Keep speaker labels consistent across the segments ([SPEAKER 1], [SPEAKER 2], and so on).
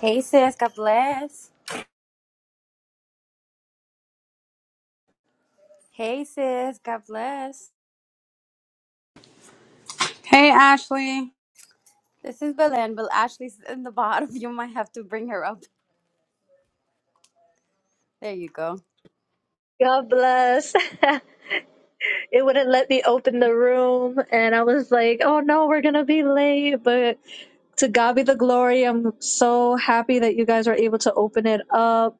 [SPEAKER 1] Hey sis, God bless. Hey sis, God bless.
[SPEAKER 2] Hey, Ashley.
[SPEAKER 1] This is Belen, but Ashley's in the bottom. You might have to bring her up. There you go.
[SPEAKER 3] God bless. it wouldn't let me open the room. And I was like, oh no, we're going to be late. But to God be the glory. I'm so happy that you guys were able to open it up.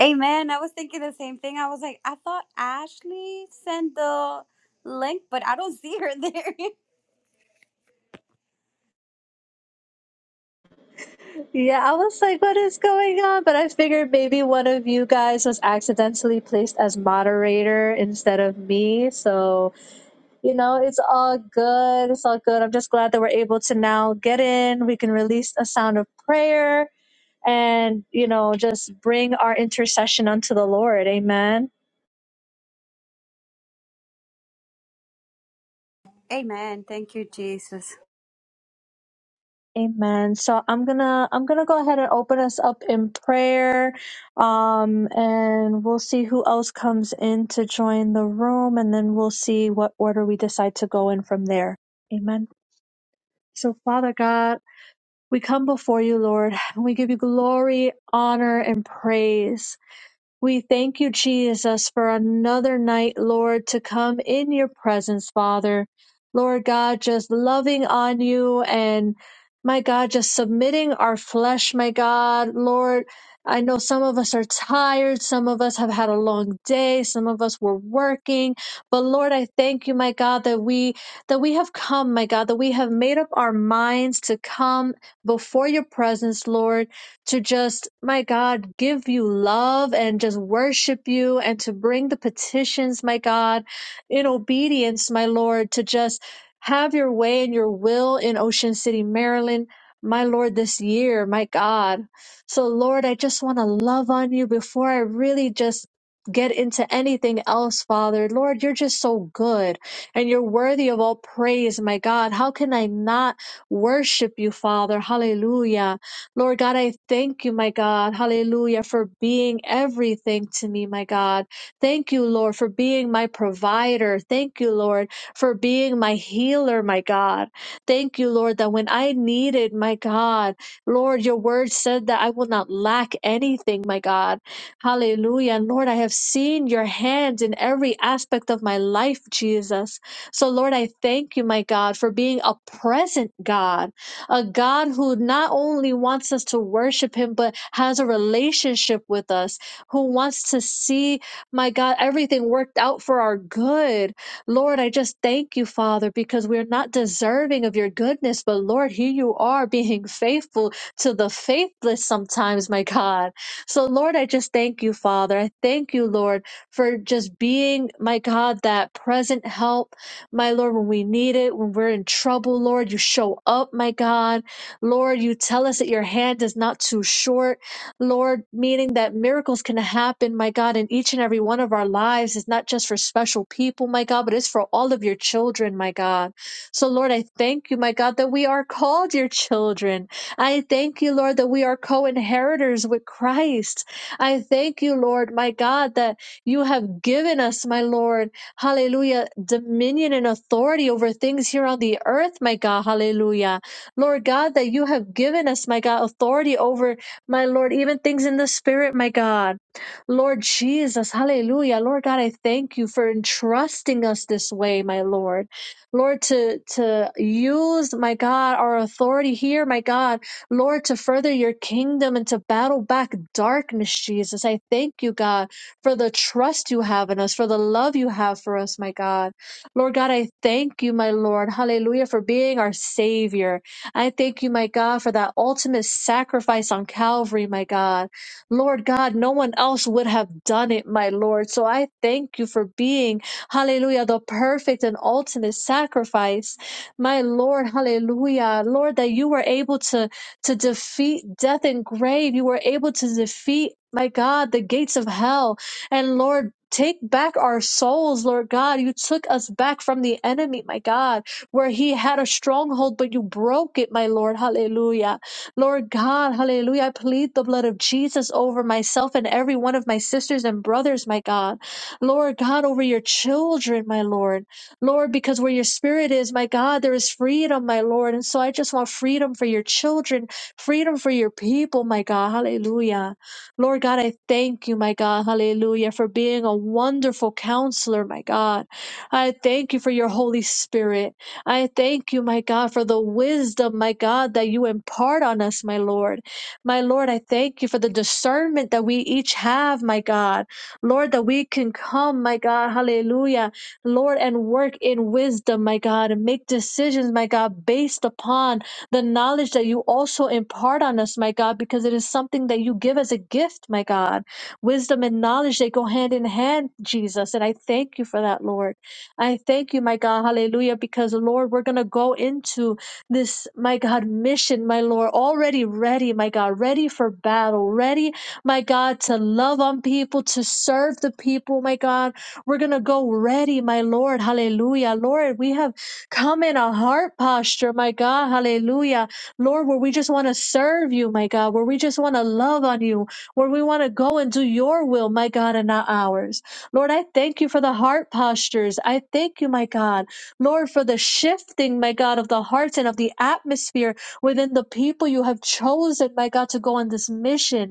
[SPEAKER 1] Amen. I was thinking the same thing. I was like, I thought Ashley sent the link, but I don't see her there.
[SPEAKER 3] Yeah, I was like, what is going on? But I figured maybe one of you guys was accidentally placed as moderator instead of me. So, you know, it's all good. It's all good. I'm just glad that we're able to now get in. We can release a sound of prayer and you know just bring our intercession unto the lord amen
[SPEAKER 1] Amen. Thank you, Jesus.
[SPEAKER 3] amen so i'm gonna i'm gonna go ahead and open us up in prayer um and we'll see who else comes in to join the room and then we'll see what order we decide to go in from there amen so father god we come before you lord and we give you glory honor and praise We thank you, Jesus, for another night, Lord, to come in your presence, Father. Lord God, just loving on you and my God, just submitting our flesh, my God. Lord, I know some of us are tired. Some of us have had a long day. Some of us were working. But Lord, I thank you, my God, that we, that we have come, my God, that we have made up our minds to come before your presence, Lord to just, my God, give you love and just worship you and to bring the petitions, my God, in obedience, my Lord, to just have your way and your will in Ocean City, Maryland, my Lord, this year, my God. So, Lord, I just want to love on you before I really just get into anything else, Father. Lord, you're just so good and you're worthy of all praise, my God. How can I not worship you, Father? Hallelujah. Lord God, I thank you, my God. Hallelujah, for being everything to me, my God. Thank you, Lord, for being my provider. Thank you, Lord, for being my healer, my God. Thank you, Lord, that when I needed, my God, Lord, your word said that I will not lack anything, my God. Hallelujah. And Lord, I have seen your hand in every aspect of my life, Jesus. So, Lord, I thank you, my God, for being a present God a God who not only wants us to worship Him, but has a relationship with us, who wants to see, my God, everything worked out for our good. Lord, I just thank you, Father, because we're not deserving of your goodness, but Lord, here you are being faithful to the faithless sometimes, my God. So, Lord, I just thank you, Father. I thank you, Lord, for just being, my God, that present help my Lord, when we need it, when we're in trouble, Lord, you show up, my God. Lord, you tell us that your hand is not too short. Lord, meaning that miracles can happen, my God, in each and every one of our lives. It's not just for special people, my God, but it's for all of your children, my God. So, Lord, I thank you, my God, that we are called your children. I thank you, Lord, that we are co inheritors with Christ. I thank you, Lord, my God, that you have given us, my Lord hallelujah, dominion and authority over things here on the earth, my God, hallelujah. Lord God, that you have given us, my God, authority over, my Lord, even things in the spirit, my God. Lord Jesus, hallelujah. Lord God, I thank you for entrusting us this way, my Lord. Lord, to, to use, my God, our authority here, my God, Lord, to further your kingdom and to battle back darkness, Jesus. I thank you, God for the trust you have in us, for the love you have for us, my God. Lord God, I thank you, my Lord. Hallelujah, for being our Savior. I thank you, my God, for that ultimate sacrifice on Calvary, my God. Lord God, no one else would have done it, my Lord. So I thank you for being, hallelujah, the perfect and ultimate sacrifice. My Lord, hallelujah. Lord, that you were able to to defeat death and grave. You were able to defeat, my God, the gates of hell. And Lord, take back our souls, Lord God. You took us back from the enemy, my God, where he had a stronghold, but you broke it, my Lord. Hallelujah. Lord God, hallelujah. I plead the blood of Jesus over myself and every one of my sisters and brothers, my God. Lord God, over your children, my Lord. Lord, because where your spirit is, my God, there is freedom, my Lord. And so I just want freedom for your children, freedom for your people, my God. Hallelujah. Lord God, I thank you, my God, hallelujah, for being a wonderful counselor, my God. I thank you for your Holy Spirit. I thank you, my God, for the wisdom, my God, that you impart on us, my Lord. My Lord, I thank you for the discernment that we each have, my God. Lord, that we can come, my God, hallelujah, Lord, and work in wisdom, my God, and make decisions, my God, based upon the knowledge that you also impart on us, my God, because it is something that you give as a gift, my God. Wisdom and knowledge, they go hand in hand, Jesus. And I thank you for that, Lord. I thank you, my God, hallelujah, because, Lord, we're going to go into this, my God, mission, my Lord, already ready, my God, ready for battle, ready, my God, to love on people, to serve the people, my God. We're going to go ready, my Lord, hallelujah. Lord, we have Come in a heart posture, my God. Hallelujah. Lord, where we just want to serve you, my God, where we just want to love on you, where we want to go and do your will, my God, and not ours. Lord, I thank you for the heart postures. I thank you, my God. Lord, for the shifting, my God, of the hearts and of the atmosphere within the people you have chosen, my God, to go on this mission.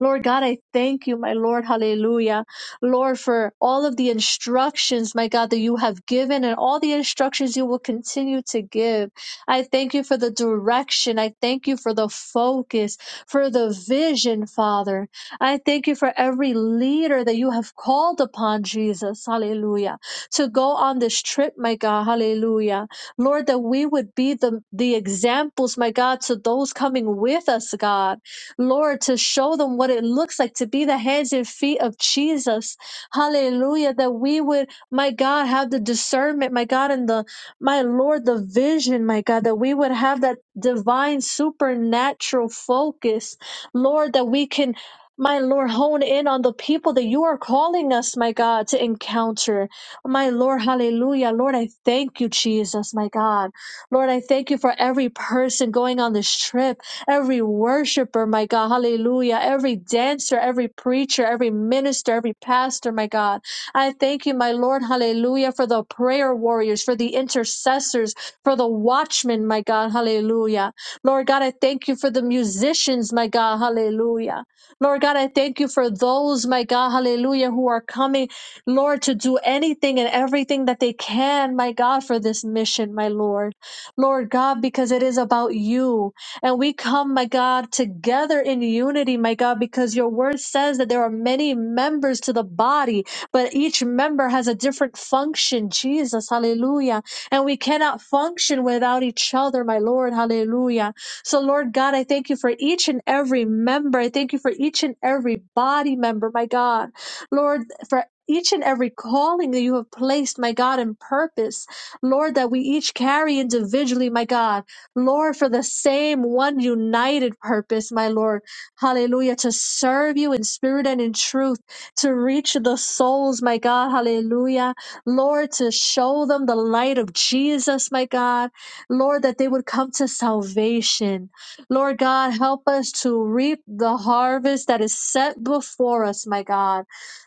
[SPEAKER 3] Lord God, I thank you, my Lord. Hallelujah. Lord, for all of the instructions, my God, that you have given and all the instructions you will continue to give. I thank you for the direction. I thank you for the focus, for the vision, Father. I thank you for every leader that you have called upon, Jesus. Hallelujah. To go on this trip, my God. Hallelujah. Lord, that we would be the, the examples, my God, to those coming with us, God. Lord, to show them what it looks like to be the hands and feet of Jesus. Hallelujah. That we would, my God, have the discernment, my God, and the, my Lord, the vision, my God, that we would have that divine supernatural focus, Lord, that we can. My Lord, hone in on the people that you are calling us, my God, to encounter. My Lord, hallelujah. Lord, I thank you, Jesus, my God. Lord, I thank you for every person going on this trip every worshiper, my God, hallelujah, every dancer, every preacher, every minister, every pastor, my God. I thank you, my Lord, hallelujah, for the prayer warriors, for the intercessors, for the watchmen, my God, hallelujah. Lord God, I thank you for the musicians, my God, hallelujah. Lord God, I thank you for those, my God, hallelujah, who are coming, Lord, to do anything and everything that they can, my God, for this mission, my Lord. Lord God, because it is about you. And we come, my God, together in unity, my God, because your word says that there are many members to the body, but each member has a different function. Jesus, hallelujah. And we cannot function without each other, my Lord, hallelujah. So, Lord God, I thank you for each and every member. I thank you for each and every body member, my God. Lord, for each and every calling that you have placed, my God, in purpose, Lord, that we each carry individually, my God. Lord, for the same one united purpose, my Lord. Hallelujah. To serve you in spirit and in truth, to reach the souls, my God. Hallelujah. Lord, to show them the light of Jesus, my God. Lord, that they would come to salvation. Lord God, help us to reap the harvest that is set before us, my God.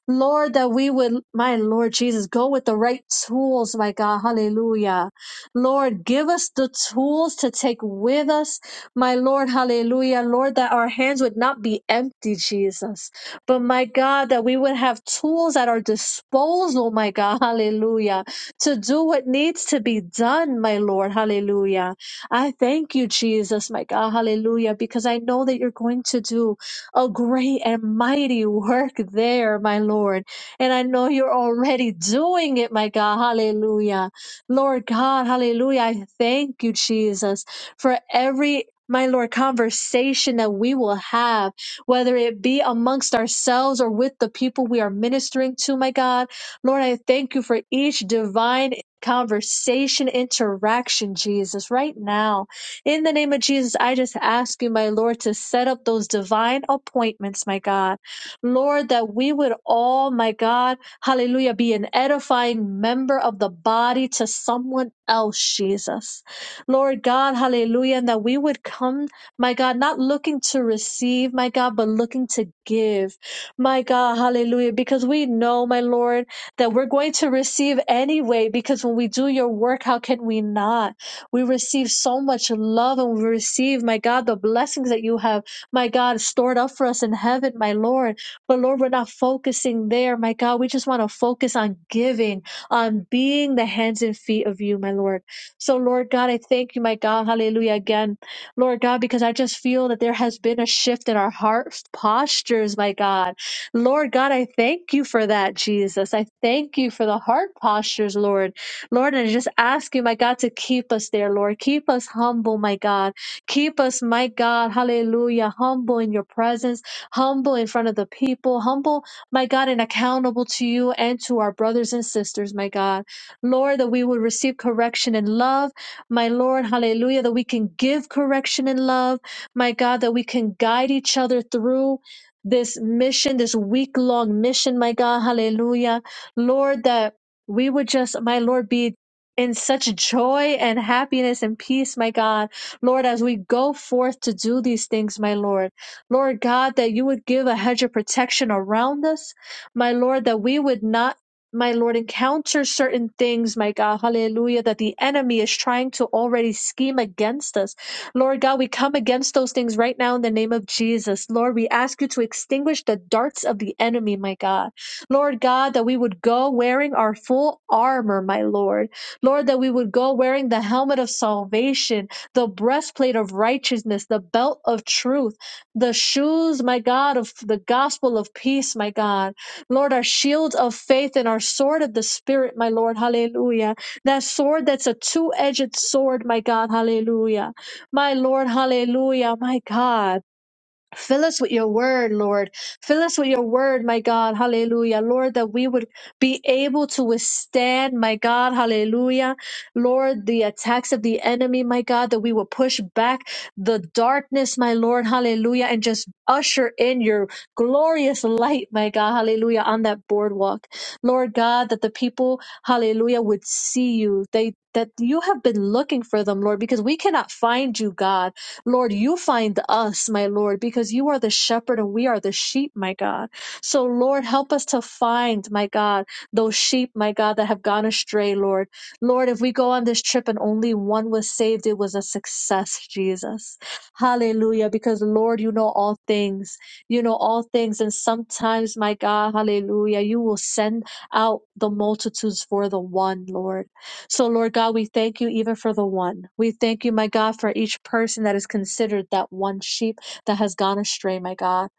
[SPEAKER 3] Lord, that we would, my Lord Jesus, go with the right tools, my God. Hallelujah Lord, give us the tools to take with us, my Lord, hallelujah. Lord, that our hands would not be empty, Jesus, but my God, that we would have tools at our disposal, my God, hallelujah, to do what needs to be done, my Lord, hallelujah. I thank you, Jesus, my God, hallelujah, because I know that you're going to do a great and mighty work there, my Lord. And I know you're already doing it, my God, hallelujah. Lord God, hallelujah. I thank you, Jesus, for every my Lord, conversation that we will have, whether it be amongst ourselves or with the people we are ministering to, my God. Lord, I thank you for each divine conversation, interaction, Jesus, right now. In the name of Jesus, I just ask you, my Lord, to set up those divine appointments, my God. Lord, that we would all, my God, Hallelujah. Be an edifying member of the body to someone else, Jesus. Lord God, hallelujah. And that we would come, my God, not looking to receive, my God, but looking to give. My God, hallelujah. Because we know, my Lord, that we're going to receive anyway. Because when we do your work, how can we not? We receive so much love and we receive, my God, the blessings that you have, my God, stored up for us in heaven, my Lord. But Lord, we're not focusing there, my God. We just want to focus on giving, on being the hands and feet of you, my Lord. So, Lord God, I thank you, my God. Hallelujah again. Lord God, because I just feel that there has been a shift in our heart postures, my God. Lord God, I thank you for that, Jesus. I thank you for the heart postures, Lord. Lord, and I just ask you, my God, to keep us there, Lord. Keep us humble, my God. Keep us, my God, hallelujah, humble in your presence humble in front of the people, humble, my God, and accountable to you and to our brothers and sisters, my God. Lord, that we would receive correction in love, my Lord, hallelujah, that we can give correction in love, my God, that we can guide each other through. This mission, this week long mission, my God, hallelujah. Lord, that we would just, my Lord, be in such joy and happiness and peace, my God. Lord, as we go forth to do these things, my Lord. Lord God, that you would give a hedge of protection around us. My Lord, that we would not, my Lord, encounter certain things, my God, hallelujah, that the enemy is trying to already scheme against us. Lord God, we come against those things right now in the name of Jesus. Lord, we ask you to extinguish the darts of the enemy, my God. Lord God, that we would go wearing our full armor, my Lord. Lord, that we would go wearing the helmet of salvation, the breastplate of righteousness, the belt of truth the shoes, my God, of the gospel of peace, my God. Lord, our shield of faith and our sword of the Spirit, my Lord, hallelujah. That sword that's a two edged sword, my God, hallelujah. My Lord, hallelujah, my God. Fill us with your word, Lord. Fill us with your word, my God. Hallelujah. Lord, that we would be able to withstand, my God. Hallelujah. Lord, the attacks of the enemy, my God, that we will push back the darkness, my Lord. Hallelujah. And just usher in your glorious light, my God. Hallelujah. On that boardwalk. Lord God, that the people, hallelujah, would see you. They, that you have been looking for them, Lord, because we cannot find you, God. Lord, you find us, my Lord, because you are the shepherd and we are the sheep, my God. So, Lord, help us to find, my God, those sheep, my God, that have gone astray, Lord. Lord, if we go on this trip and only one was saved, it was a success, Jesus. Hallelujah. Because, Lord, you know all things. You know all things. And sometimes, my God, hallelujah, you will send out the multitudes for the one, Lord. So, Lord God, we thank you even for the one. We thank you, my God, for each person that is considered that one sheep that has gone astray, my God.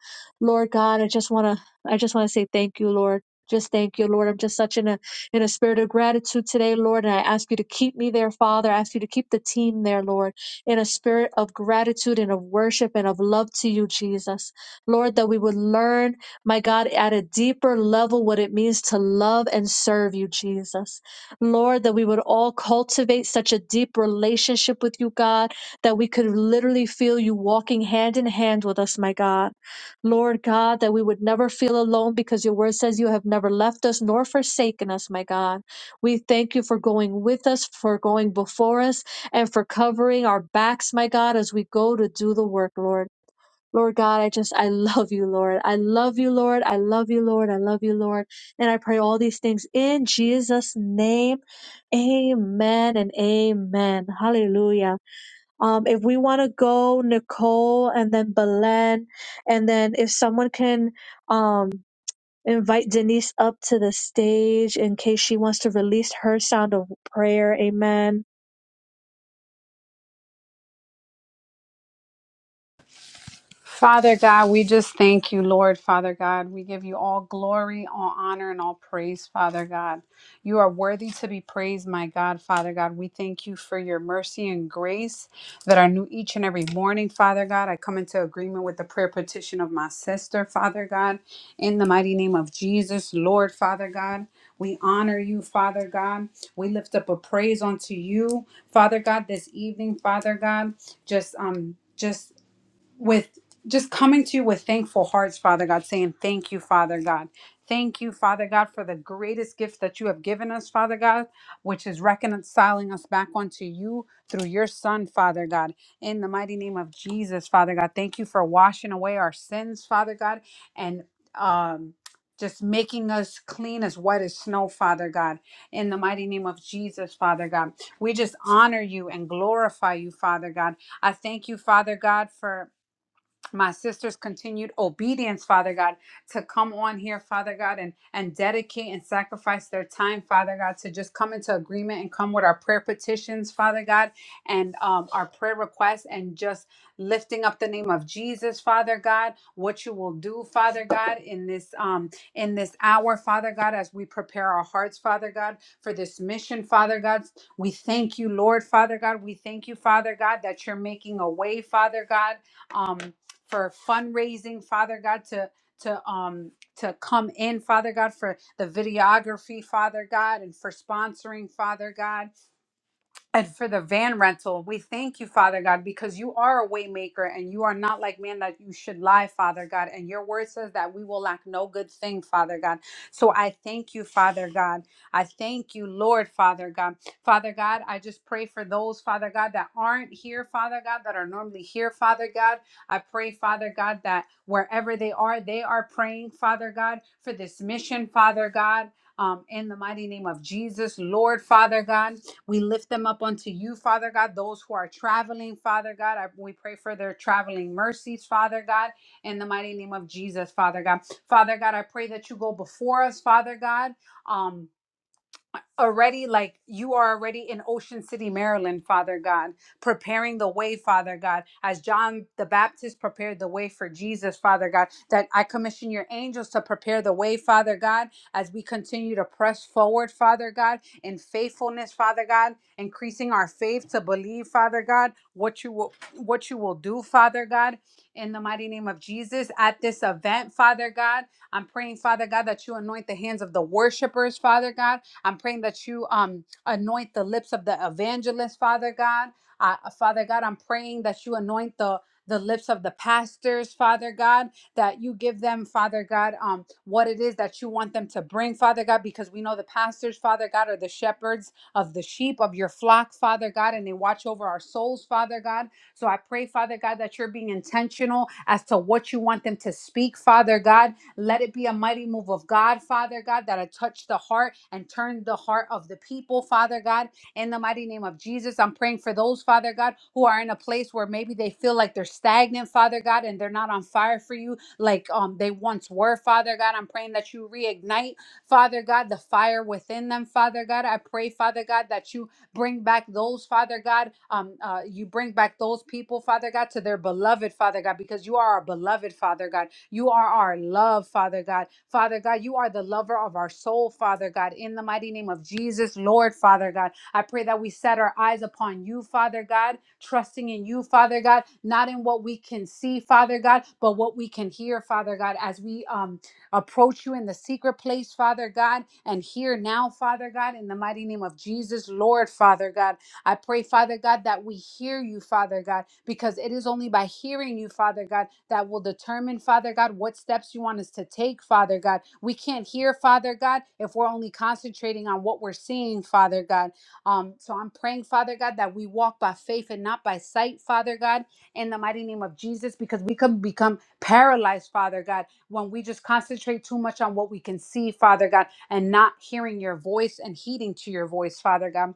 [SPEAKER 3] Lord God, I just wanna I just wanna say thank you, Lord. Just thank you, Lord. I'm just such in a in a spirit of gratitude today, Lord. And I ask you to keep me there, Father. I ask you to keep the team there, Lord, in a spirit of gratitude and of worship and of love to you, Jesus. Lord, that we would learn, my God, at a deeper level what it means to love and serve you, Jesus. Lord, that we would all cultivate such a deep relationship with you, God, that we could literally feel you walking hand in hand with us, my God. Lord God, that we would never feel alone because your word says you have never left us nor forsaken us, my God. We thank you for going with us, for going before us, and for covering our backs, my God, as we go to do the work, Lord. Lord God, I just, I love you, Lord. I love you, Lord. I love you, Lord. I love you, Lord. And I pray all these things in Jesus' name. Amen and amen. Hallelujah. Um, if we want to go, Nicole and then Belen, and then if someone can, um, invite Denise up to the stage in case she wants to release her sound of prayer. Amen.
[SPEAKER 2] Father God, we just thank you, Lord, Father God. We give you all glory, all honor, and all praise, Father God. You are worthy to be praised, my God, Father God. We thank you for your mercy and grace that are new each and every morning, Father God. I come into agreement with the prayer petition of my sister, Father God, in the mighty name of Jesus, Lord, Father God. We honor you, Father God. We lift up a praise unto you, Father God, this evening, Father God. Just um just with just coming to you with thankful hearts, Father God, saying, Thank you, Father God. Thank you, Father God, for the greatest gift that you have given us, Father God, which is reconciling us back unto you through your Son, Father God. In the mighty name of Jesus, Father God, thank you for washing away our sins, Father God, and um, just making us clean as white as snow, Father God. In the mighty name of Jesus, Father God, we just honor you and glorify you, Father God. I thank you, Father God, for my sister's continued obedience father god to come on here father god and and dedicate and sacrifice their time father god to just come into agreement and come with our prayer petitions father god and um, our prayer requests and just lifting up the name of jesus father god what you will do father god in this um in this hour father god as we prepare our hearts father god for this mission father god we thank you lord father god we thank you father god that you're making a way father god um for fundraising, Father God, to to um to come in, Father God, for the videography, Father God, and for sponsoring, Father God. And for the van rental, we thank you, Father God, because you are a waymaker and you are not like man that you should lie, Father God. And your word says that we will lack no good thing, Father God. So I thank you, Father God. I thank you, Lord, Father God. Father God, I just pray for those, Father God, that aren't here, Father God, that are normally here, Father God. I pray, Father God, that wherever they are, they are praying, Father God, for this mission, Father God. Um, in the mighty name of Jesus, Lord, Father God. We lift them up unto you, Father God, those who are traveling, Father God. I, we pray for their traveling mercies, Father God, in the mighty name of Jesus, Father God. Father God, I pray that you go before us, Father God. Um, already like you are already in Ocean City, Maryland, Father God, preparing the way, Father God, as John the Baptist prepared the way for Jesus, Father God, that I commission your angels to prepare the way, Father God, as we continue to press forward, Father God, in faithfulness, Father God, increasing our faith to believe, Father God, what you will what you will do, Father God, in the mighty name of Jesus at this event, Father God. I'm praying, Father God, that you anoint the hands of the worshipers, Father God I'm praying that you um anoint the lips of the evangelist, Father God. Uh, Father God, I'm praying that you anoint the the lips of the pastors, Father God, that you give them, Father God, um, what it is that you want them to bring, Father God, because we know the pastors, Father God, are the shepherds of the sheep of your flock, Father God, and they watch over our souls, Father God. So I pray, Father God, that you're being intentional as to what you want them to speak, Father God let it be a mighty move of God, Father God, that I touch the heart and turn the heart of the people, Father God. In the mighty name of Jesus, I'm praying for those, Father God, who are in a place where maybe they feel like they're stagnant, Father God, and they're not on fire for you like um they once were, Father God. I'm praying that you reignite, Father God, the fire within them, Father God. I pray, Father God, that you bring back those father god um uh, you bring back those people father god to their beloved father god because you are our beloved father god you are our love, Father God. Father God, you are the lover of our soul, Father God. In the mighty name of Jesus, Lord, Father God, I pray that we set our eyes upon you, Father God, trusting in you, Father God, not in what we can see, Father God, but what we can hear, Father God, as we um approach you in the secret place, Father God, and hear now, Father God, in the mighty name of Jesus, Lord, Father God. I pray, Father God, that we hear you, Father God, because it is only by hearing you, Father God, that will determine, Father God, what steps you want us to take, Father God. We can't hear, Father God, if we're only concentrating on what we're seeing, Father God. Um, so I'm praying, Father God, that we walk by faith and not by sight, Father God, in the mighty name of Jesus, because we can become paralyzed, Father God, when we just concentrate too much on what we can see, Father God, and not hearing your voice and heeding to your voice, Father God.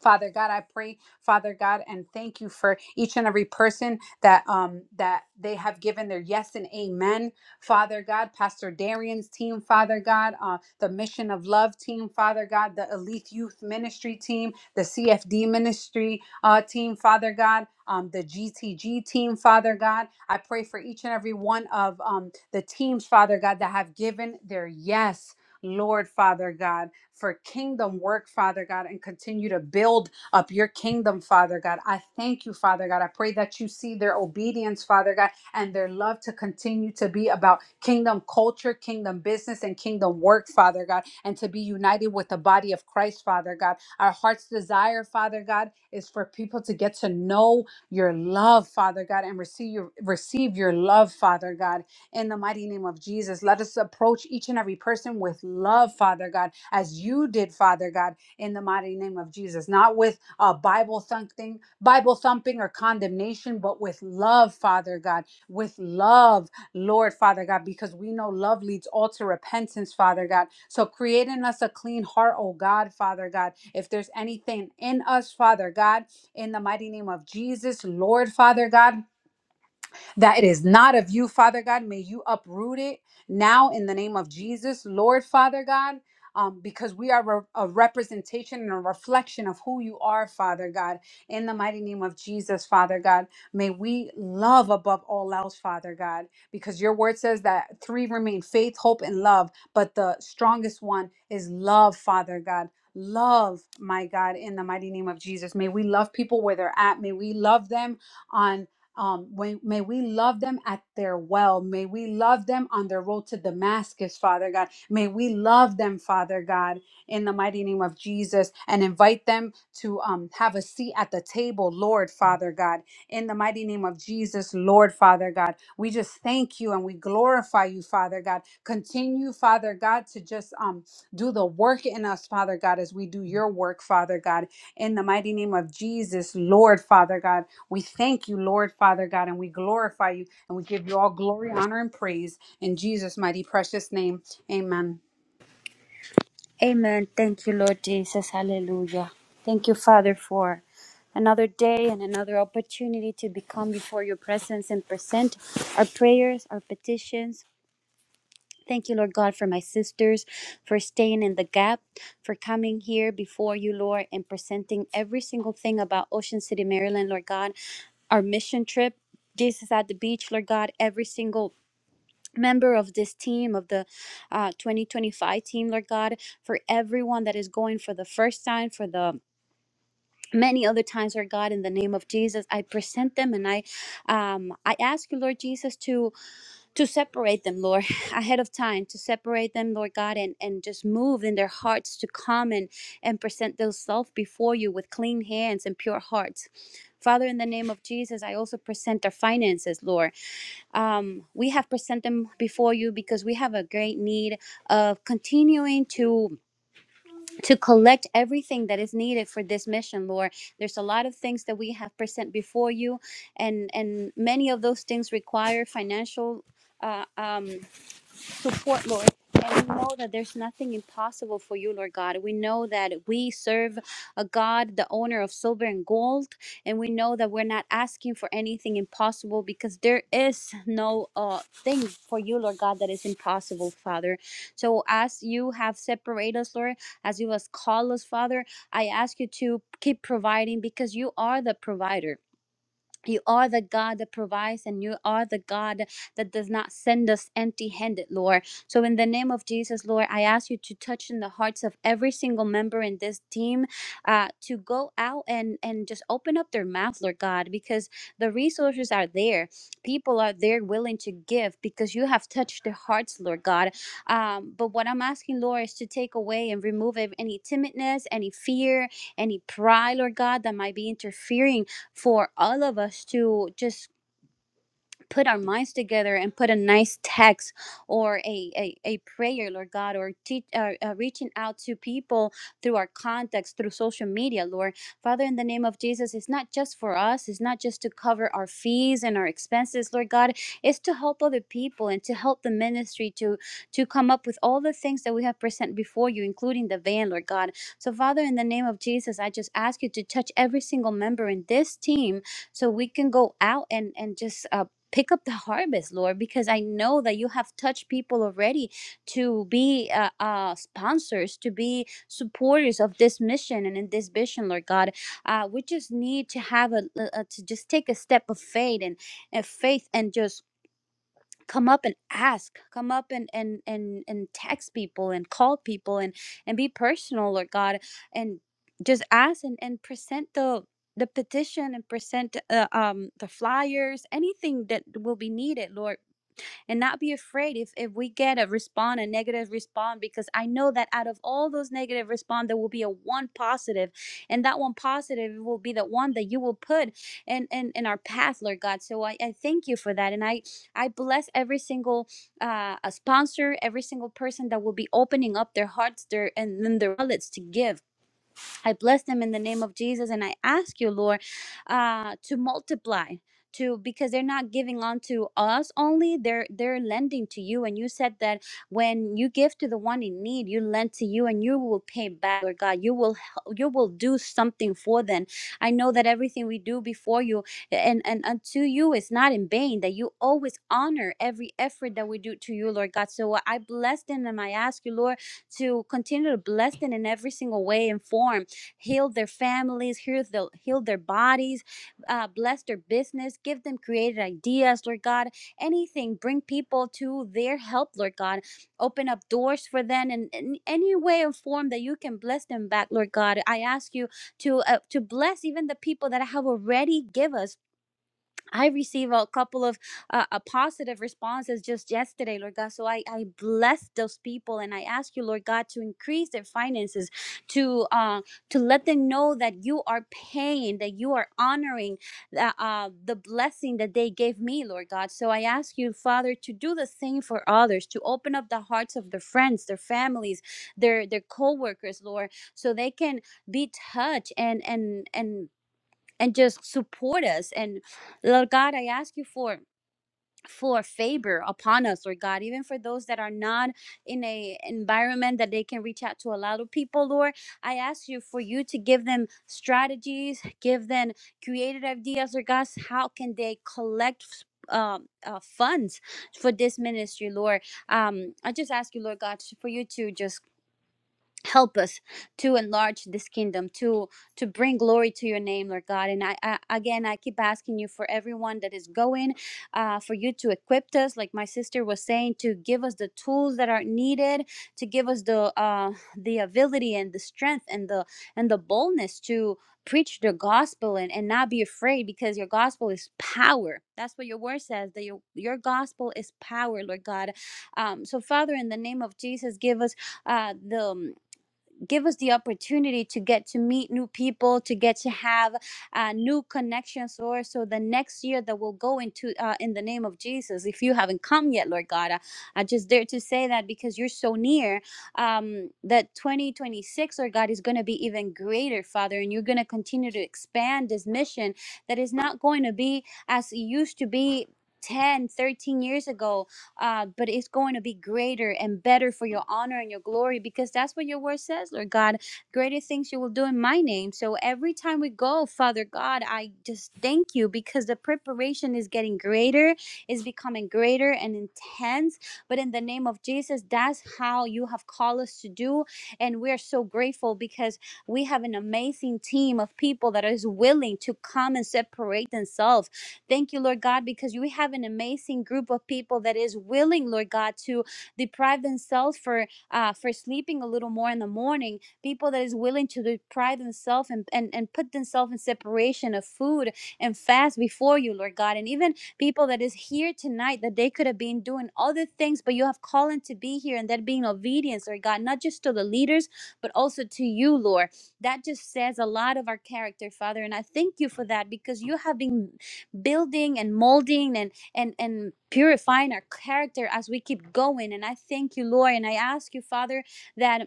[SPEAKER 2] Father God, I pray, Father God, and thank you for each and every person that um that they have given their yes and amen. Father God, Pastor Darian's team, Father God, uh, the Mission of Love team, Father God, the Elite Youth Ministry team, the CFD Ministry uh, team, Father God, um, the GTG team, Father God. I pray for each and every one of um, the teams, Father God, that have given their yes, Lord, Father God for kingdom work, Father God, and continue to build up your kingdom, Father God. I thank you, Father God. I pray that you see their obedience, Father God, and their love to continue to be about kingdom culture, kingdom business, and kingdom work, Father God, and to be united with the body of Christ, Father God. Our heart's desire, Father God, is for people to get to know your love, Father God, and receive your receive your love, Father God in the mighty name of Jesus. Let us approach each and every person with love, Father God, as you did, Father God, in the mighty name of Jesus. Not with uh, Bible thumping, Bible thumping or condemnation, but with love, Father God, with love, Lord, Father God, because we know love leads all to repentance, Father God. So create in us a clean heart, oh God, Father God. If there's anything in us, Father God, in the mighty name of Jesus, Lord, Father God that it is not of you, Father God. May you uproot it now in the name of Jesus, Lord Father God. Um, because we are re- a representation and a reflection of who you are, Father God. In the mighty name of Jesus, Father God, may we love above all else, Father God, because your word says that three remain faith, hope, and love, but the strongest one is love, Father God. Love, my God, in the mighty name of Jesus. May we love people where they're at. May we love them on um, may, may we love them at their well. May we love them on their road to Damascus, Father God. May we love them, Father God, in the mighty name of Jesus, and invite them to um, have a seat at the table, Lord, Father God, in the mighty name of Jesus, Lord, Father God. We just thank you and we glorify you, Father God. Continue, Father God, to just um, do the work in us, Father God, as we do your work, Father God, in the mighty name of Jesus, Lord, Father God. We thank you, Lord Father God, and we glorify you and we give you all glory, honor, and praise in Jesus' mighty precious name. Amen.
[SPEAKER 1] Amen. Thank you, Lord Jesus. Hallelujah. Thank you, Father, for another day and another opportunity to become before your presence and present our prayers, our petitions, Thank you, Lord God, for my sisters, for staying in the gap, for coming here before you, Lord, and presenting every single thing about Ocean City, Maryland, Lord God our mission trip jesus at the beach lord god every single member of this team of the uh, 2025 team lord god for everyone that is going for the first time for the many other times lord god in the name of jesus i present them and i um i ask you lord jesus to to separate them, Lord, ahead of time, to separate them, Lord God, and, and just move in their hearts to come and, and present themselves before you with clean hands and pure hearts. Father, in the name of Jesus, I also present our finances, Lord. Um, we have presented them before you because we have a great need of continuing to to collect everything that is needed for this mission, Lord. There's a lot of things that we have present before you, and and many of those things require financial uh, um, support, Lord. And we know that there's nothing impossible for you, Lord God. We know that we serve a God, the owner of silver and gold. And we know that we're not asking for anything impossible because there is no uh, thing for you, Lord God, that is impossible, Father. So as you have separated us, Lord, as you have called us, Father, I ask you to keep providing because you are the provider. You are the God that provides, and you are the God that does not send us empty handed, Lord. So, in the name of Jesus, Lord, I ask you to touch in the hearts of every single member in this team uh, to go out and, and just open up their mouth, Lord God, because the resources are there. People are there willing to give because you have touched their hearts, Lord God. Um, but what I'm asking, Lord, is to take away and remove ev- any timidness, any fear, any pride, Lord God, that might be interfering for all of us to just put our minds together and put a nice text or a, a, a prayer lord god or teach, uh, uh, reaching out to people through our contacts through social media lord father in the name of jesus it's not just for us it's not just to cover our fees and our expenses lord god it's to help other people and to help the ministry to to come up with all the things that we have present before you including the van lord god so father in the name of jesus i just ask you to touch every single member in this team so we can go out and and just uh, pick up the harvest lord because i know that you have touched people already to be uh, uh sponsors to be supporters of this mission and in this vision lord god uh we just need to have a, a to just take a step of faith and, and faith and just come up and ask come up and and and and text people and call people and and be personal lord god and just ask and and present the the petition and present uh, um the flyers anything that will be needed lord and not be afraid if if we get a respond a negative respond because i know that out of all those negative respond there will be a one positive and that one positive will be the one that you will put in in, in our path lord god so I, I thank you for that and i i bless every single uh a sponsor every single person that will be opening up their hearts their and then their wallets to give I bless them in the name of Jesus, and I ask you, Lord, uh, to multiply. To, because they're not giving on to us only they're they're lending to you and you said that when you give to the one in need you lend to you and you will pay back Lord God you will hel- you will do something for them I know that everything we do before you and and unto you is not in vain that you always honor every effort that we do to you Lord God so uh, I bless them and I ask you Lord to continue to bless them in every single way and form heal their families, heal, the, heal their bodies, uh, bless their business, give them creative ideas, Lord God. Anything, bring people to their help, Lord God. Open up doors for them in, in any way or form that you can bless them back, Lord God. I ask you to uh, to bless even the people that have already give us. I received a couple of uh, uh, positive responses just yesterday, Lord God. So I, I bless those people and I ask you, Lord God, to increase their finances, to uh, to let them know that you are paying, that you are honoring the, uh, the blessing that they gave me, Lord God. So I ask you, Father, to do the same for others, to open up the hearts of their friends, their families, their their co-workers, Lord, so they can be touched and and and and just support us. And Lord God, I ask you for for favor upon us, Lord God, even for those that are not in a environment that they can reach out to a lot of people, Lord. I ask you for you to give them strategies, give them creative ideas, Lord God. How can they collect um, uh, funds for this ministry, Lord? Um, I just ask you, Lord God, for you to just help us to enlarge this kingdom to to bring glory to your name lord god and i, I again i keep asking you for everyone that is going uh, for you to equip us like my sister was saying to give us the tools that are needed to give us the uh, the ability and the strength and the and the boldness to preach the gospel and, and not be afraid because your gospel is power that's what your word says that your, your gospel is power lord god um, so father in the name of jesus give us uh, the give us the opportunity to get to meet new people to get to have uh, new connections lord so the next year that we'll go into uh, in the name of jesus if you haven't come yet lord god i, I just dare to say that because you're so near um, that 2026 lord god is going to be even greater father and you're going to continue to expand this mission that is not going to be as it used to be 10, 13 years ago uh, but it's going to be greater and better for your honor and your glory because that's what your word says, Lord God. Greater things you will do in my name. So every time we go, Father God, I just thank you because the preparation is getting greater, is becoming greater and intense. But in the name of Jesus, that's how you have called us to do. And we're so grateful because we have an amazing team of people that is willing to come and separate themselves Thank you, Lord God, because we have an amazing group of people that is willing, Lord God, to deprive themselves for uh, for sleeping a little more in the morning. People that is willing to deprive themselves and, and, and put themselves in separation of food and fast before you, Lord God. And even people that is here tonight that they could have been doing other things, but you have called them to be here and that being obedience, Lord God, not just to the leaders, but also to you, Lord. That just says a lot of our character, Father. And I thank you for that because you have been building and molding and and and purifying our character as we keep going and i thank you lord and i ask you father that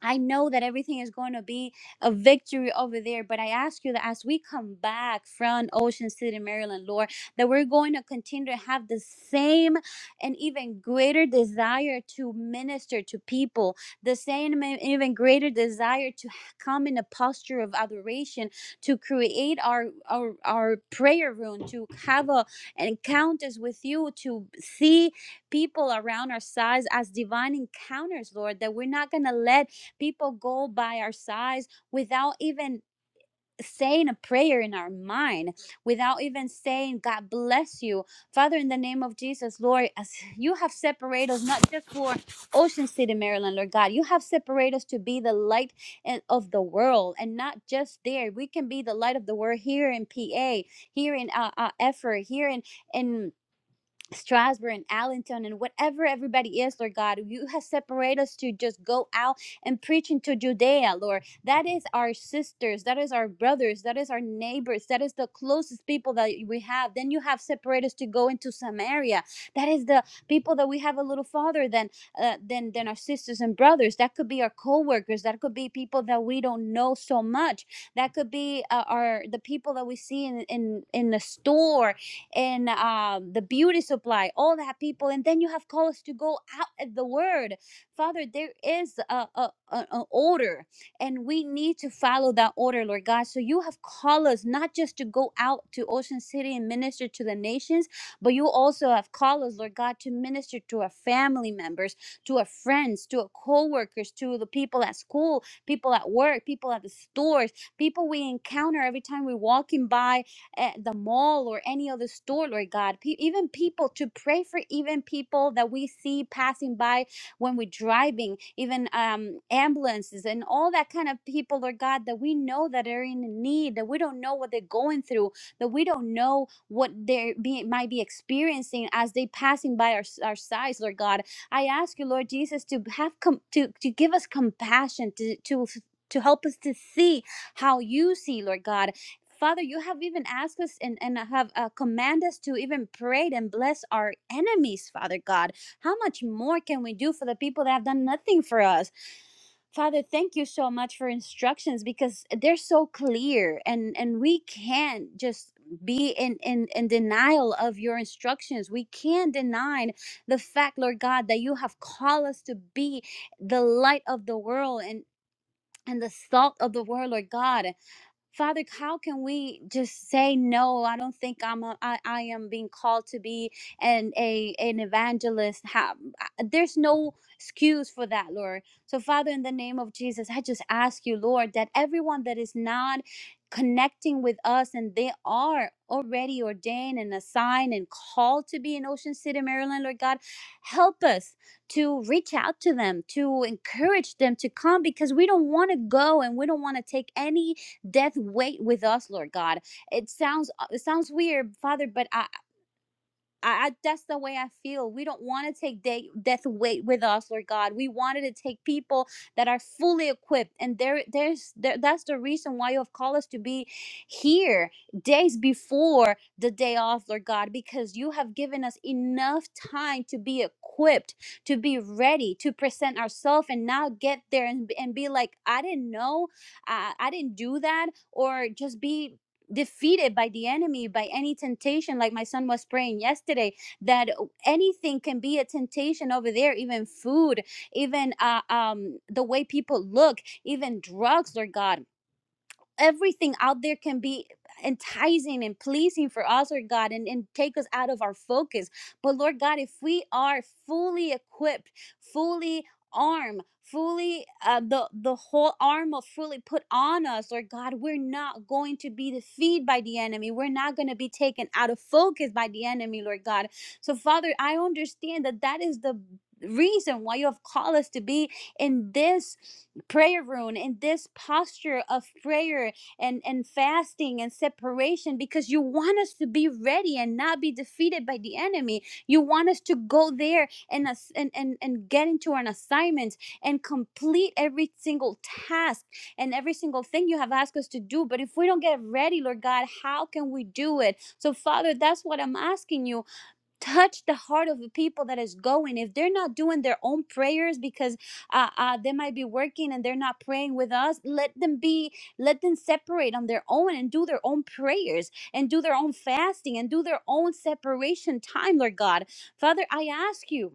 [SPEAKER 1] I know that everything is going to be a victory over there, but I ask you that as we come back from Ocean City, Maryland, Lord, that we're going to continue to have the same and even greater desire to minister to people, the same and even greater desire to come in a posture of adoration, to create our our, our prayer room, to have a encounters with you, to see people around our size as divine encounters, Lord, that we're not gonna let People go by our sides without even saying a prayer in our mind, without even saying, God bless you. Father, in the name of Jesus, Lord, as you have separated us not just for Ocean City, Maryland, Lord God, you have separated us to be the light and- of the world and not just there. We can be the light of the world here in PA, here in uh, uh, Effort, here in. in Strasburg and Allenton and whatever everybody is, Lord God. You have separated us to just go out and preach into Judea, Lord. That is our sisters, that is our brothers, that is our neighbors, that is the closest people that we have. Then you have separated us to go into Samaria. That is the people that we have a little farther than uh, than than our sisters and brothers. That could be our co-workers, that could be people that we don't know so much. That could be uh, our the people that we see in in in the store and um, the beauty supply, all that people. And then you have callers to go out at the word. Father, there is a, a, a, a order, and we need to follow that order, Lord God. So you have called us not just to go out to Ocean City and minister to the nations, but you also have called us, Lord God, to minister to our family members, to our friends, to our co-workers, to the people at school, people at work, people at the stores, people we encounter every time we're walking by at the mall or any other store, Lord God. Pe- even people to pray for, even people that we see passing by when we're driving, even um, ambulances and all that kind of people, Lord God, that we know that are in need, that we don't know what they're going through, that we don't know what they be, might be experiencing as they passing by our, our sides, Lord God. I ask you, Lord Jesus, to have com- to to give us compassion to to to help us to see how you see, Lord God, Father, you have even asked us and, and have uh, commanded us to even pray and bless our enemies, Father God. How much more can we do for the people that have done nothing for us? Father, thank you so much for instructions because they're so clear and, and we can't just be in, in, in denial of your instructions. We can't deny the fact, Lord God, that you have called us to be the light of the world and, and the salt of the world, Lord God. Father, how can we just say no? I don't think I'm a, I, I am being called to be an a an evangelist. How, I- there's no excuse for that, Lord. So Father, in the name of Jesus, I just ask you, Lord, that everyone that is not connecting with us and they are already ordained and assigned and called to be in Ocean City, Maryland, Lord God, help us to reach out to them, to encourage them to come because we don't want to go and we don't want to take any Death wait with us, Lord God. It sounds uh, it sounds weird, Father, but I I, I that's the way I feel. We don't want to take de- death weight with us, Lord God. We wanted to take people that are fully equipped, and there, there's there, that's the reason why you have called us to be here days before the day off, Lord God, because you have given us enough time to be equipped, to be ready, to present ourselves, and not get there and, and be like, I didn't know, I, I didn't do that, or just be defeated by the enemy by any temptation like my son was praying yesterday that anything can be a temptation over there even food even uh, um the way people look even drugs lord god everything out there can be enticing and pleasing for us, Lord God, and, and take us out of our focus. But Lord God, if we are fully equipped, fully armed, fully uh, the the whole armor fully put on us, Lord God, we're not going to be defeated by the enemy. We're not going to be taken out of focus by the enemy, Lord God. So Father, I understand that that is the reason why you have called us to be in this prayer room in this posture of prayer and, and fasting and separation because you want us to be ready and not be defeated by the enemy. You want us to go there and, ass- and, and, and get into an assignment and complete every single task and every single thing you have asked us to do. But if we don't get ready, Lord God, how can we do it? So, Father, that's what I'm asking you touch the heart of the people that is going if they're not doing their own prayers because uh, uh they might be working and they're not praying with us let them be let them separate on their own and do their own prayers and do their own fasting and do their own separation time lord god father i ask you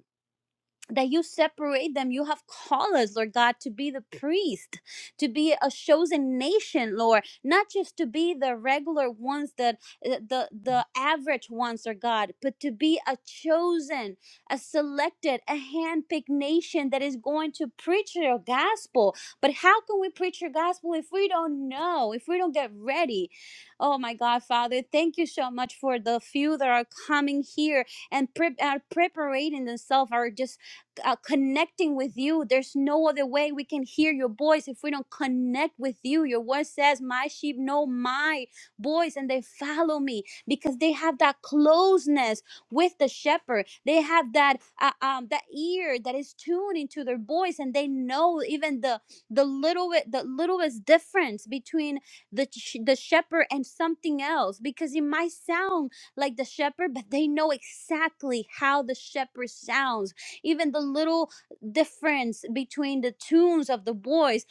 [SPEAKER 1] that you separate them. You have called us, Lord God, to be the priest, to be a chosen nation, Lord, not just to be the regular ones, that uh, the the average ones, Lord God, but to be a chosen, a selected, a handpicked nation that is going to preach your gospel. But how can we preach your gospel if we don't know, if we don't get ready? Oh my God, Father, thank you so much for the few that are coming here and prep are preparing themselves, are just uh, connecting with you. There's no other way we can hear your voice if we don't connect with you. Your word says, My sheep know my voice and they follow me because they have that closeness with the shepherd. They have that uh, um, that ear that is tuned into their voice and they know even the the little bit the littlest difference between the sh- the shepherd and something else because it might sound like the shepherd, but they know exactly how the shepherd sounds even the little difference between the tunes of the boys.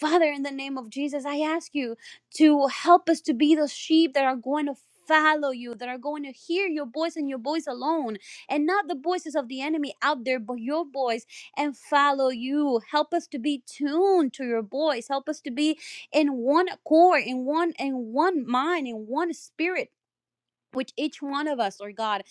[SPEAKER 1] Father, in the name of Jesus, I ask you to help us to be those sheep that are going to follow you, that are going to hear your voice and your voice alone, and not the voices of the enemy out there, but your voice and follow you. Help us to be tuned to your voice. Help us to be in one accord, in one in one mind, in one spirit. Which each one of us, Lord God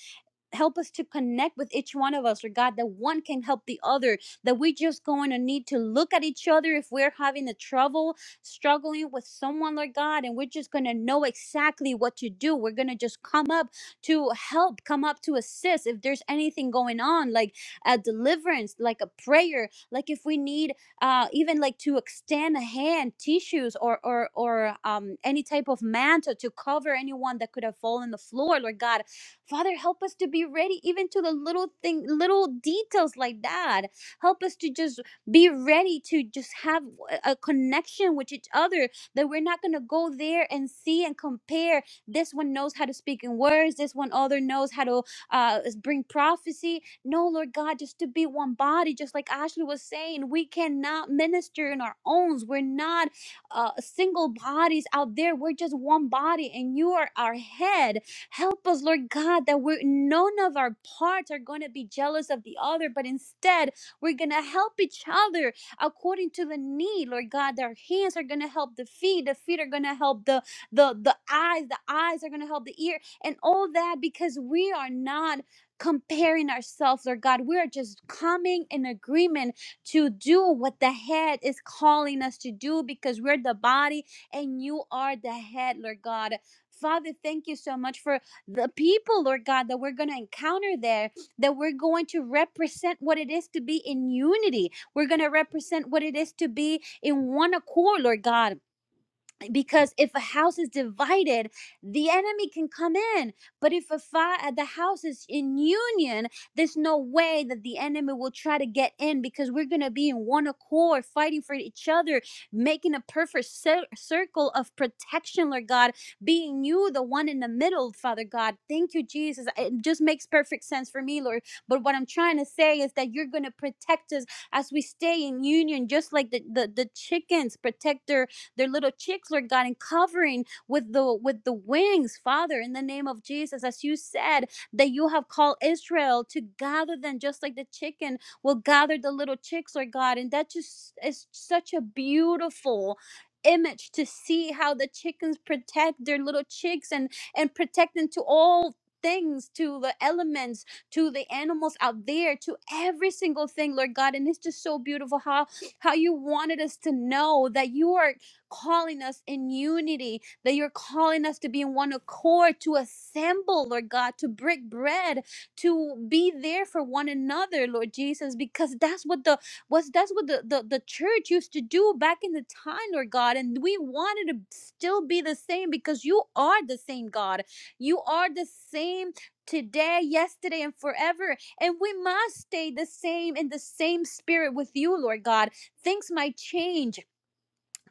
[SPEAKER 1] help us to connect with each one of us, or God, that one can help the other, that we just going to need to look at each other if we're having a trouble, struggling with someone, Lord God, and we're just going to know exactly what to do. We're going to just come up to help, come up to assist if there's anything going on, like a deliverance, like a prayer, like if we need uh, even like to extend a hand, tissues, or or or um, any type of mantle to cover anyone that could have fallen on the floor, Lord God Father, help us to be ready even to the little thing, little details like that. Help us to just be ready to just have a connection with each other that we're not going to go there and see and compare. This one knows how to speak in words. This one other knows how to uh, bring prophecy. No, Lord God, just to be one body, just like Ashley was saying, we cannot minister in our own. We're not uh, single bodies out there. We're just one body, and you are our head. Help us, Lord God, that we're, none of our parts are going to be jealous of the other, but instead we're going to help each other according to the need, Lord God. That our hands are going to help the feet, the feet are going to help the, the, the eyes, the eyes are going to help the ear, and all that because we are not comparing ourselves, Lord God. We are just coming in agreement to do what the head is calling us to do because we're the body and you are the head, Lord God. Father, thank you so much for the people, Lord God, that we're going to encounter there, that we're going to represent what it is to be in unity. We're going to represent what it is to be in one accord, Lord God because if a house is divided the enemy can come in but if a fi- uh, the house is in union there's no way that the enemy will try to get in because we're going to be in one accord fighting for each other making a perfect cir- circle of protection lord god being you the one in the middle father god thank you jesus it just makes perfect sense for me lord but what i'm trying to say is that you're going to protect us as we stay in union just like the the, the chickens protect their their little chicks, Lord God, and covering with the with the wings, Father, in the name of Jesus, as you said that you have called Israel to gather them, just like the chicken will gather the little chicks, Lord God, and that just is such a beautiful image to see how the chickens protect their little chicks and and protect them to all things to the elements to the animals out there to every single thing lord god and it's just so beautiful how how you wanted us to know that you are calling us in unity, that you're calling us to be in one accord, to assemble, Lord God, to break bread, to be there for one another, Lord Jesus, because that's what the was that's what the, the, the church used to do back in the time, Lord God. And we wanted to still be the same because you are the same God. You are the same today, yesterday, and forever. And we must stay the same in the same spirit with you, Lord God. Things might change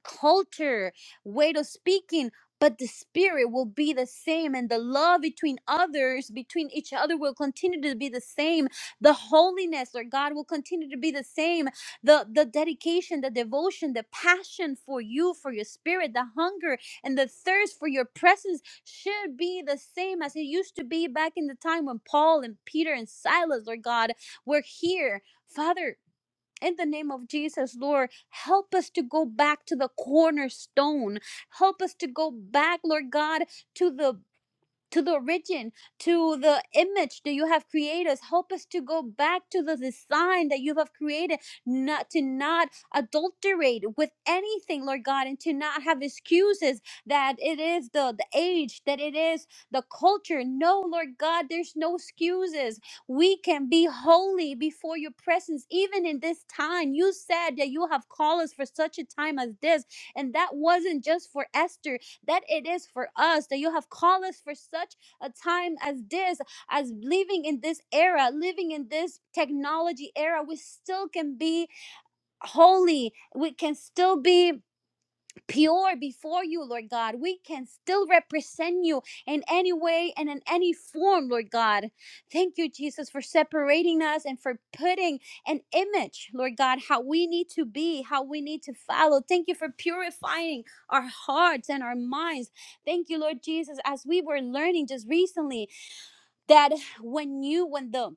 [SPEAKER 1] culture, way of speaking, but the spirit will be the same and the love between others, between each other will continue to be the same. The holiness or God will continue to be the same. The the dedication, the devotion, the passion for you, for your spirit, the hunger and the thirst for your presence should be the same as it used to be back in the time when Paul and Peter and Silas, Lord God, were here. Father, in the name of Jesus, Lord, help us to go back to the cornerstone. Help us to go back, Lord God, to the to the origin, to the image that you have created us. Help us to go back to the design that you have created, not to not adulterate with anything, Lord God, and to not have excuses that it is the, the age, that it is the culture. No, Lord God, there's no excuses. We can be holy before your presence, even in this time. You said that you have called us for such a time as this, and that wasn't just for Esther that it is for us that you have called us for such a time as this as living in this era living in this technology era we still can be holy we can still be pure before you, Lord God. We can still represent you in any way and in any form, Lord God. Thank you, Jesus, for separating us and for putting an image, Lord God, how we need to be, how we need to follow. Thank you for purifying our hearts and our minds. Thank you, Lord Jesus, as we were learning just recently that when you, when the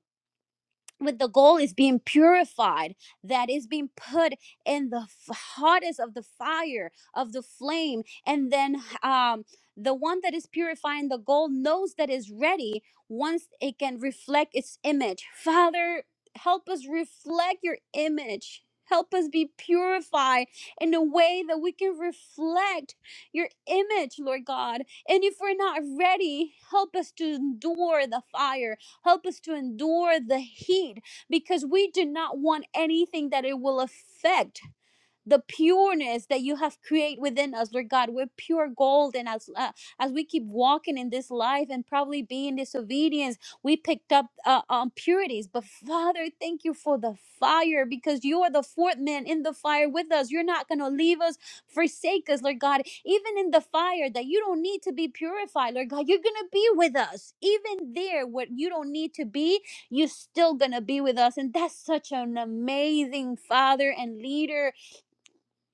[SPEAKER 1] with the goal is being purified that is being put in the f- hottest of the fire of the flame and then um the one that is purifying the gold knows that is ready once it can reflect its image father help us reflect your image help us be purified in a way that we can reflect your image lord god and if we're not ready help us to endure the fire Help us to endure the heat because we do not want anything that it will affect the pureness that you have created within us, Lord God. We're pure gold, and as uh, as we keep walking in this life and probably being disobedience, we picked up uh, um, purities. But Father, thank you for the fire because you are the fourth man in the fire with us. You're not going to leave us, forsake us, Lord God. Even in the fire that you don't need to be purified, Lord God, you're going to be with us. Even there, what you don't need to be, you're still going to be with us. And that's such an amazing Father and leader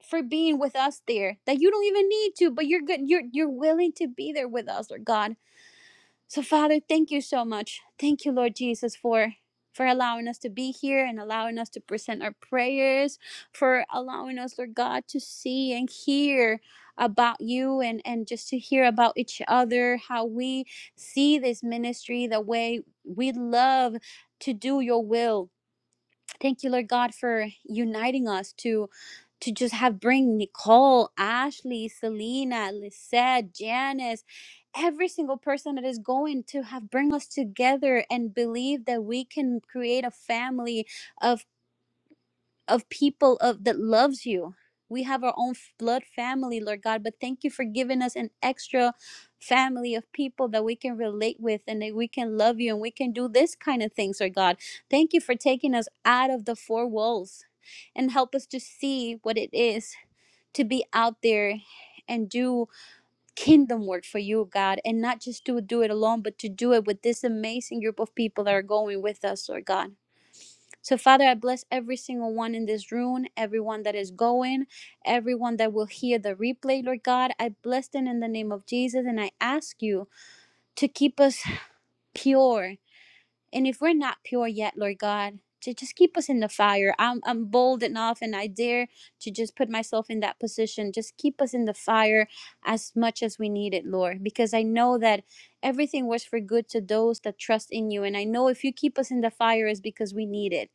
[SPEAKER 1] for being with us there that you don't even need to but you're good you're you're willing to be there with us Lord god so father thank you so much thank you lord jesus for for allowing us to be here and allowing us to present our prayers for allowing us lord god to see and hear about you and and just to hear about each other how we see this ministry the way we love to do your will Thank you, Lord God, for uniting us to to just have bring Nicole, Ashley, Selena, Lisette, Janice, every single person that is going to have bring us together and believe that we can create a family of of people of that loves you. We have our own f- blood family, Lord God, but thank you for giving us an extra family of people that we can relate with and that we can love you and we can do this kind of things, Lord God. Thank you for taking us out of the four walls and help us to see what it is to be out there and do kingdom work for you, God, and not just to do it alone, but to do it with this amazing group of people that are going with us, Lord God. So, Father, I bless every single one in this room, everyone that is going, everyone that will hear the replay, Lord God. I bless them in the name of Jesus, and I ask you to keep us pure. And if we're not pure yet, Lord God, to just keep us in the fire. I'm, I'm bold enough and I dare to just put myself in that position. Just keep us in the fire as much as we need it, Lord, because I know that everything works for good to those that trust in you. And I know if you keep us in the fire, is because we need it.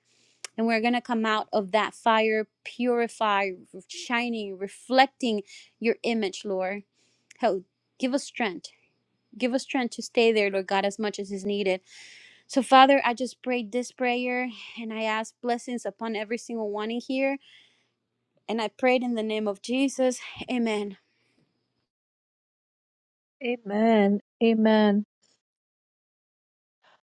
[SPEAKER 1] And we're going to come out of that fire, purified, shining, reflecting your image, Lord. Help, give us strength. Give us strength to stay there, Lord God, as much as is needed. So, Father, I just prayed this prayer and I ask blessings upon every single one in here. And I prayed in the name of Jesus. Amen.
[SPEAKER 3] Amen. Amen.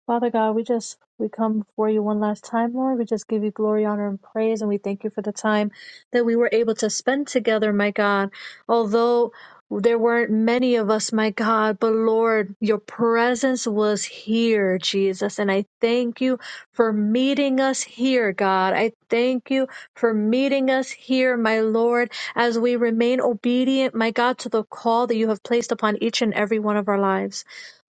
[SPEAKER 3] Father God, we just we come before you one last time, Lord. We just give you glory, honor, and praise, and we thank you for the time that we were able to spend together, my God. Although there weren't many of us, my God, but Lord, your presence was here, Jesus. And I thank you for meeting us here, God. I thank you for meeting us here, my Lord, as we remain obedient, my God, to the call that you have placed upon each and every one of our lives.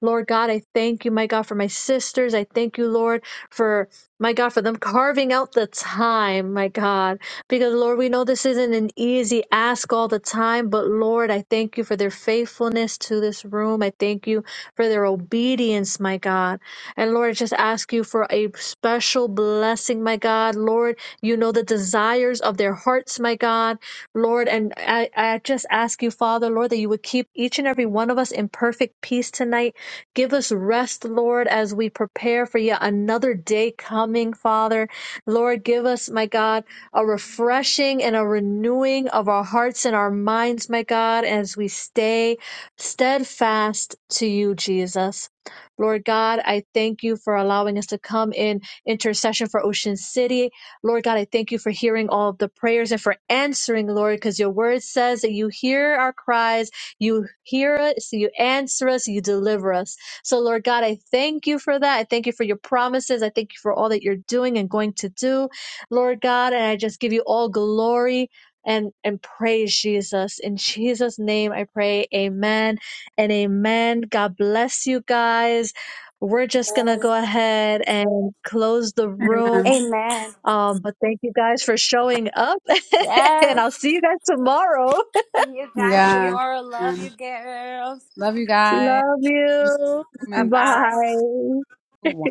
[SPEAKER 3] Lord God, I thank you, my God, for my sisters. I thank you, Lord, for my God, for them carving out the time, my God, because Lord, we know this isn't an easy ask all the time, but Lord, I thank you for their faithfulness to this room. I thank you for their obedience, my God. And Lord, I just ask you for a special blessing, my God. Lord, you know the desires of their hearts, my God. Lord, and I, I just ask you, Father, Lord, that you would keep each and every one of us in perfect peace tonight Give us rest, Lord, as we prepare for yet another day coming, Father. Lord, give us, my God, a refreshing and a renewing of our hearts and our minds, my God, as we stay steadfast to you, Jesus. Lord God, I thank you for allowing us to come in intercession for Ocean City. Lord God, I thank you for hearing all of the prayers and for answering, Lord, because your word says that you hear our cries, you hear us, you answer us, you deliver us. So, Lord God, I thank you for that. I thank you for your promises. I thank you for all that you're doing and going to do, Lord God. And I just give you all glory and and praise Jesus. In Jesus' name, I pray. Amen and amen. God bless you guys. We're just gonna go ahead and close the room.
[SPEAKER 2] Amen.
[SPEAKER 1] Amen.
[SPEAKER 3] Um, but thank you guys for showing up, and
[SPEAKER 1] Yes.
[SPEAKER 3] I'll see you guys tomorrow.
[SPEAKER 1] See you guys
[SPEAKER 2] Yeah.
[SPEAKER 1] tomorrow. Love you,
[SPEAKER 2] Amen.
[SPEAKER 1] girls.
[SPEAKER 2] Love you guys.
[SPEAKER 3] Love you.
[SPEAKER 1] Bye
[SPEAKER 2] Woman
[SPEAKER 1] bye.
[SPEAKER 3] Bye.
[SPEAKER 2] through one.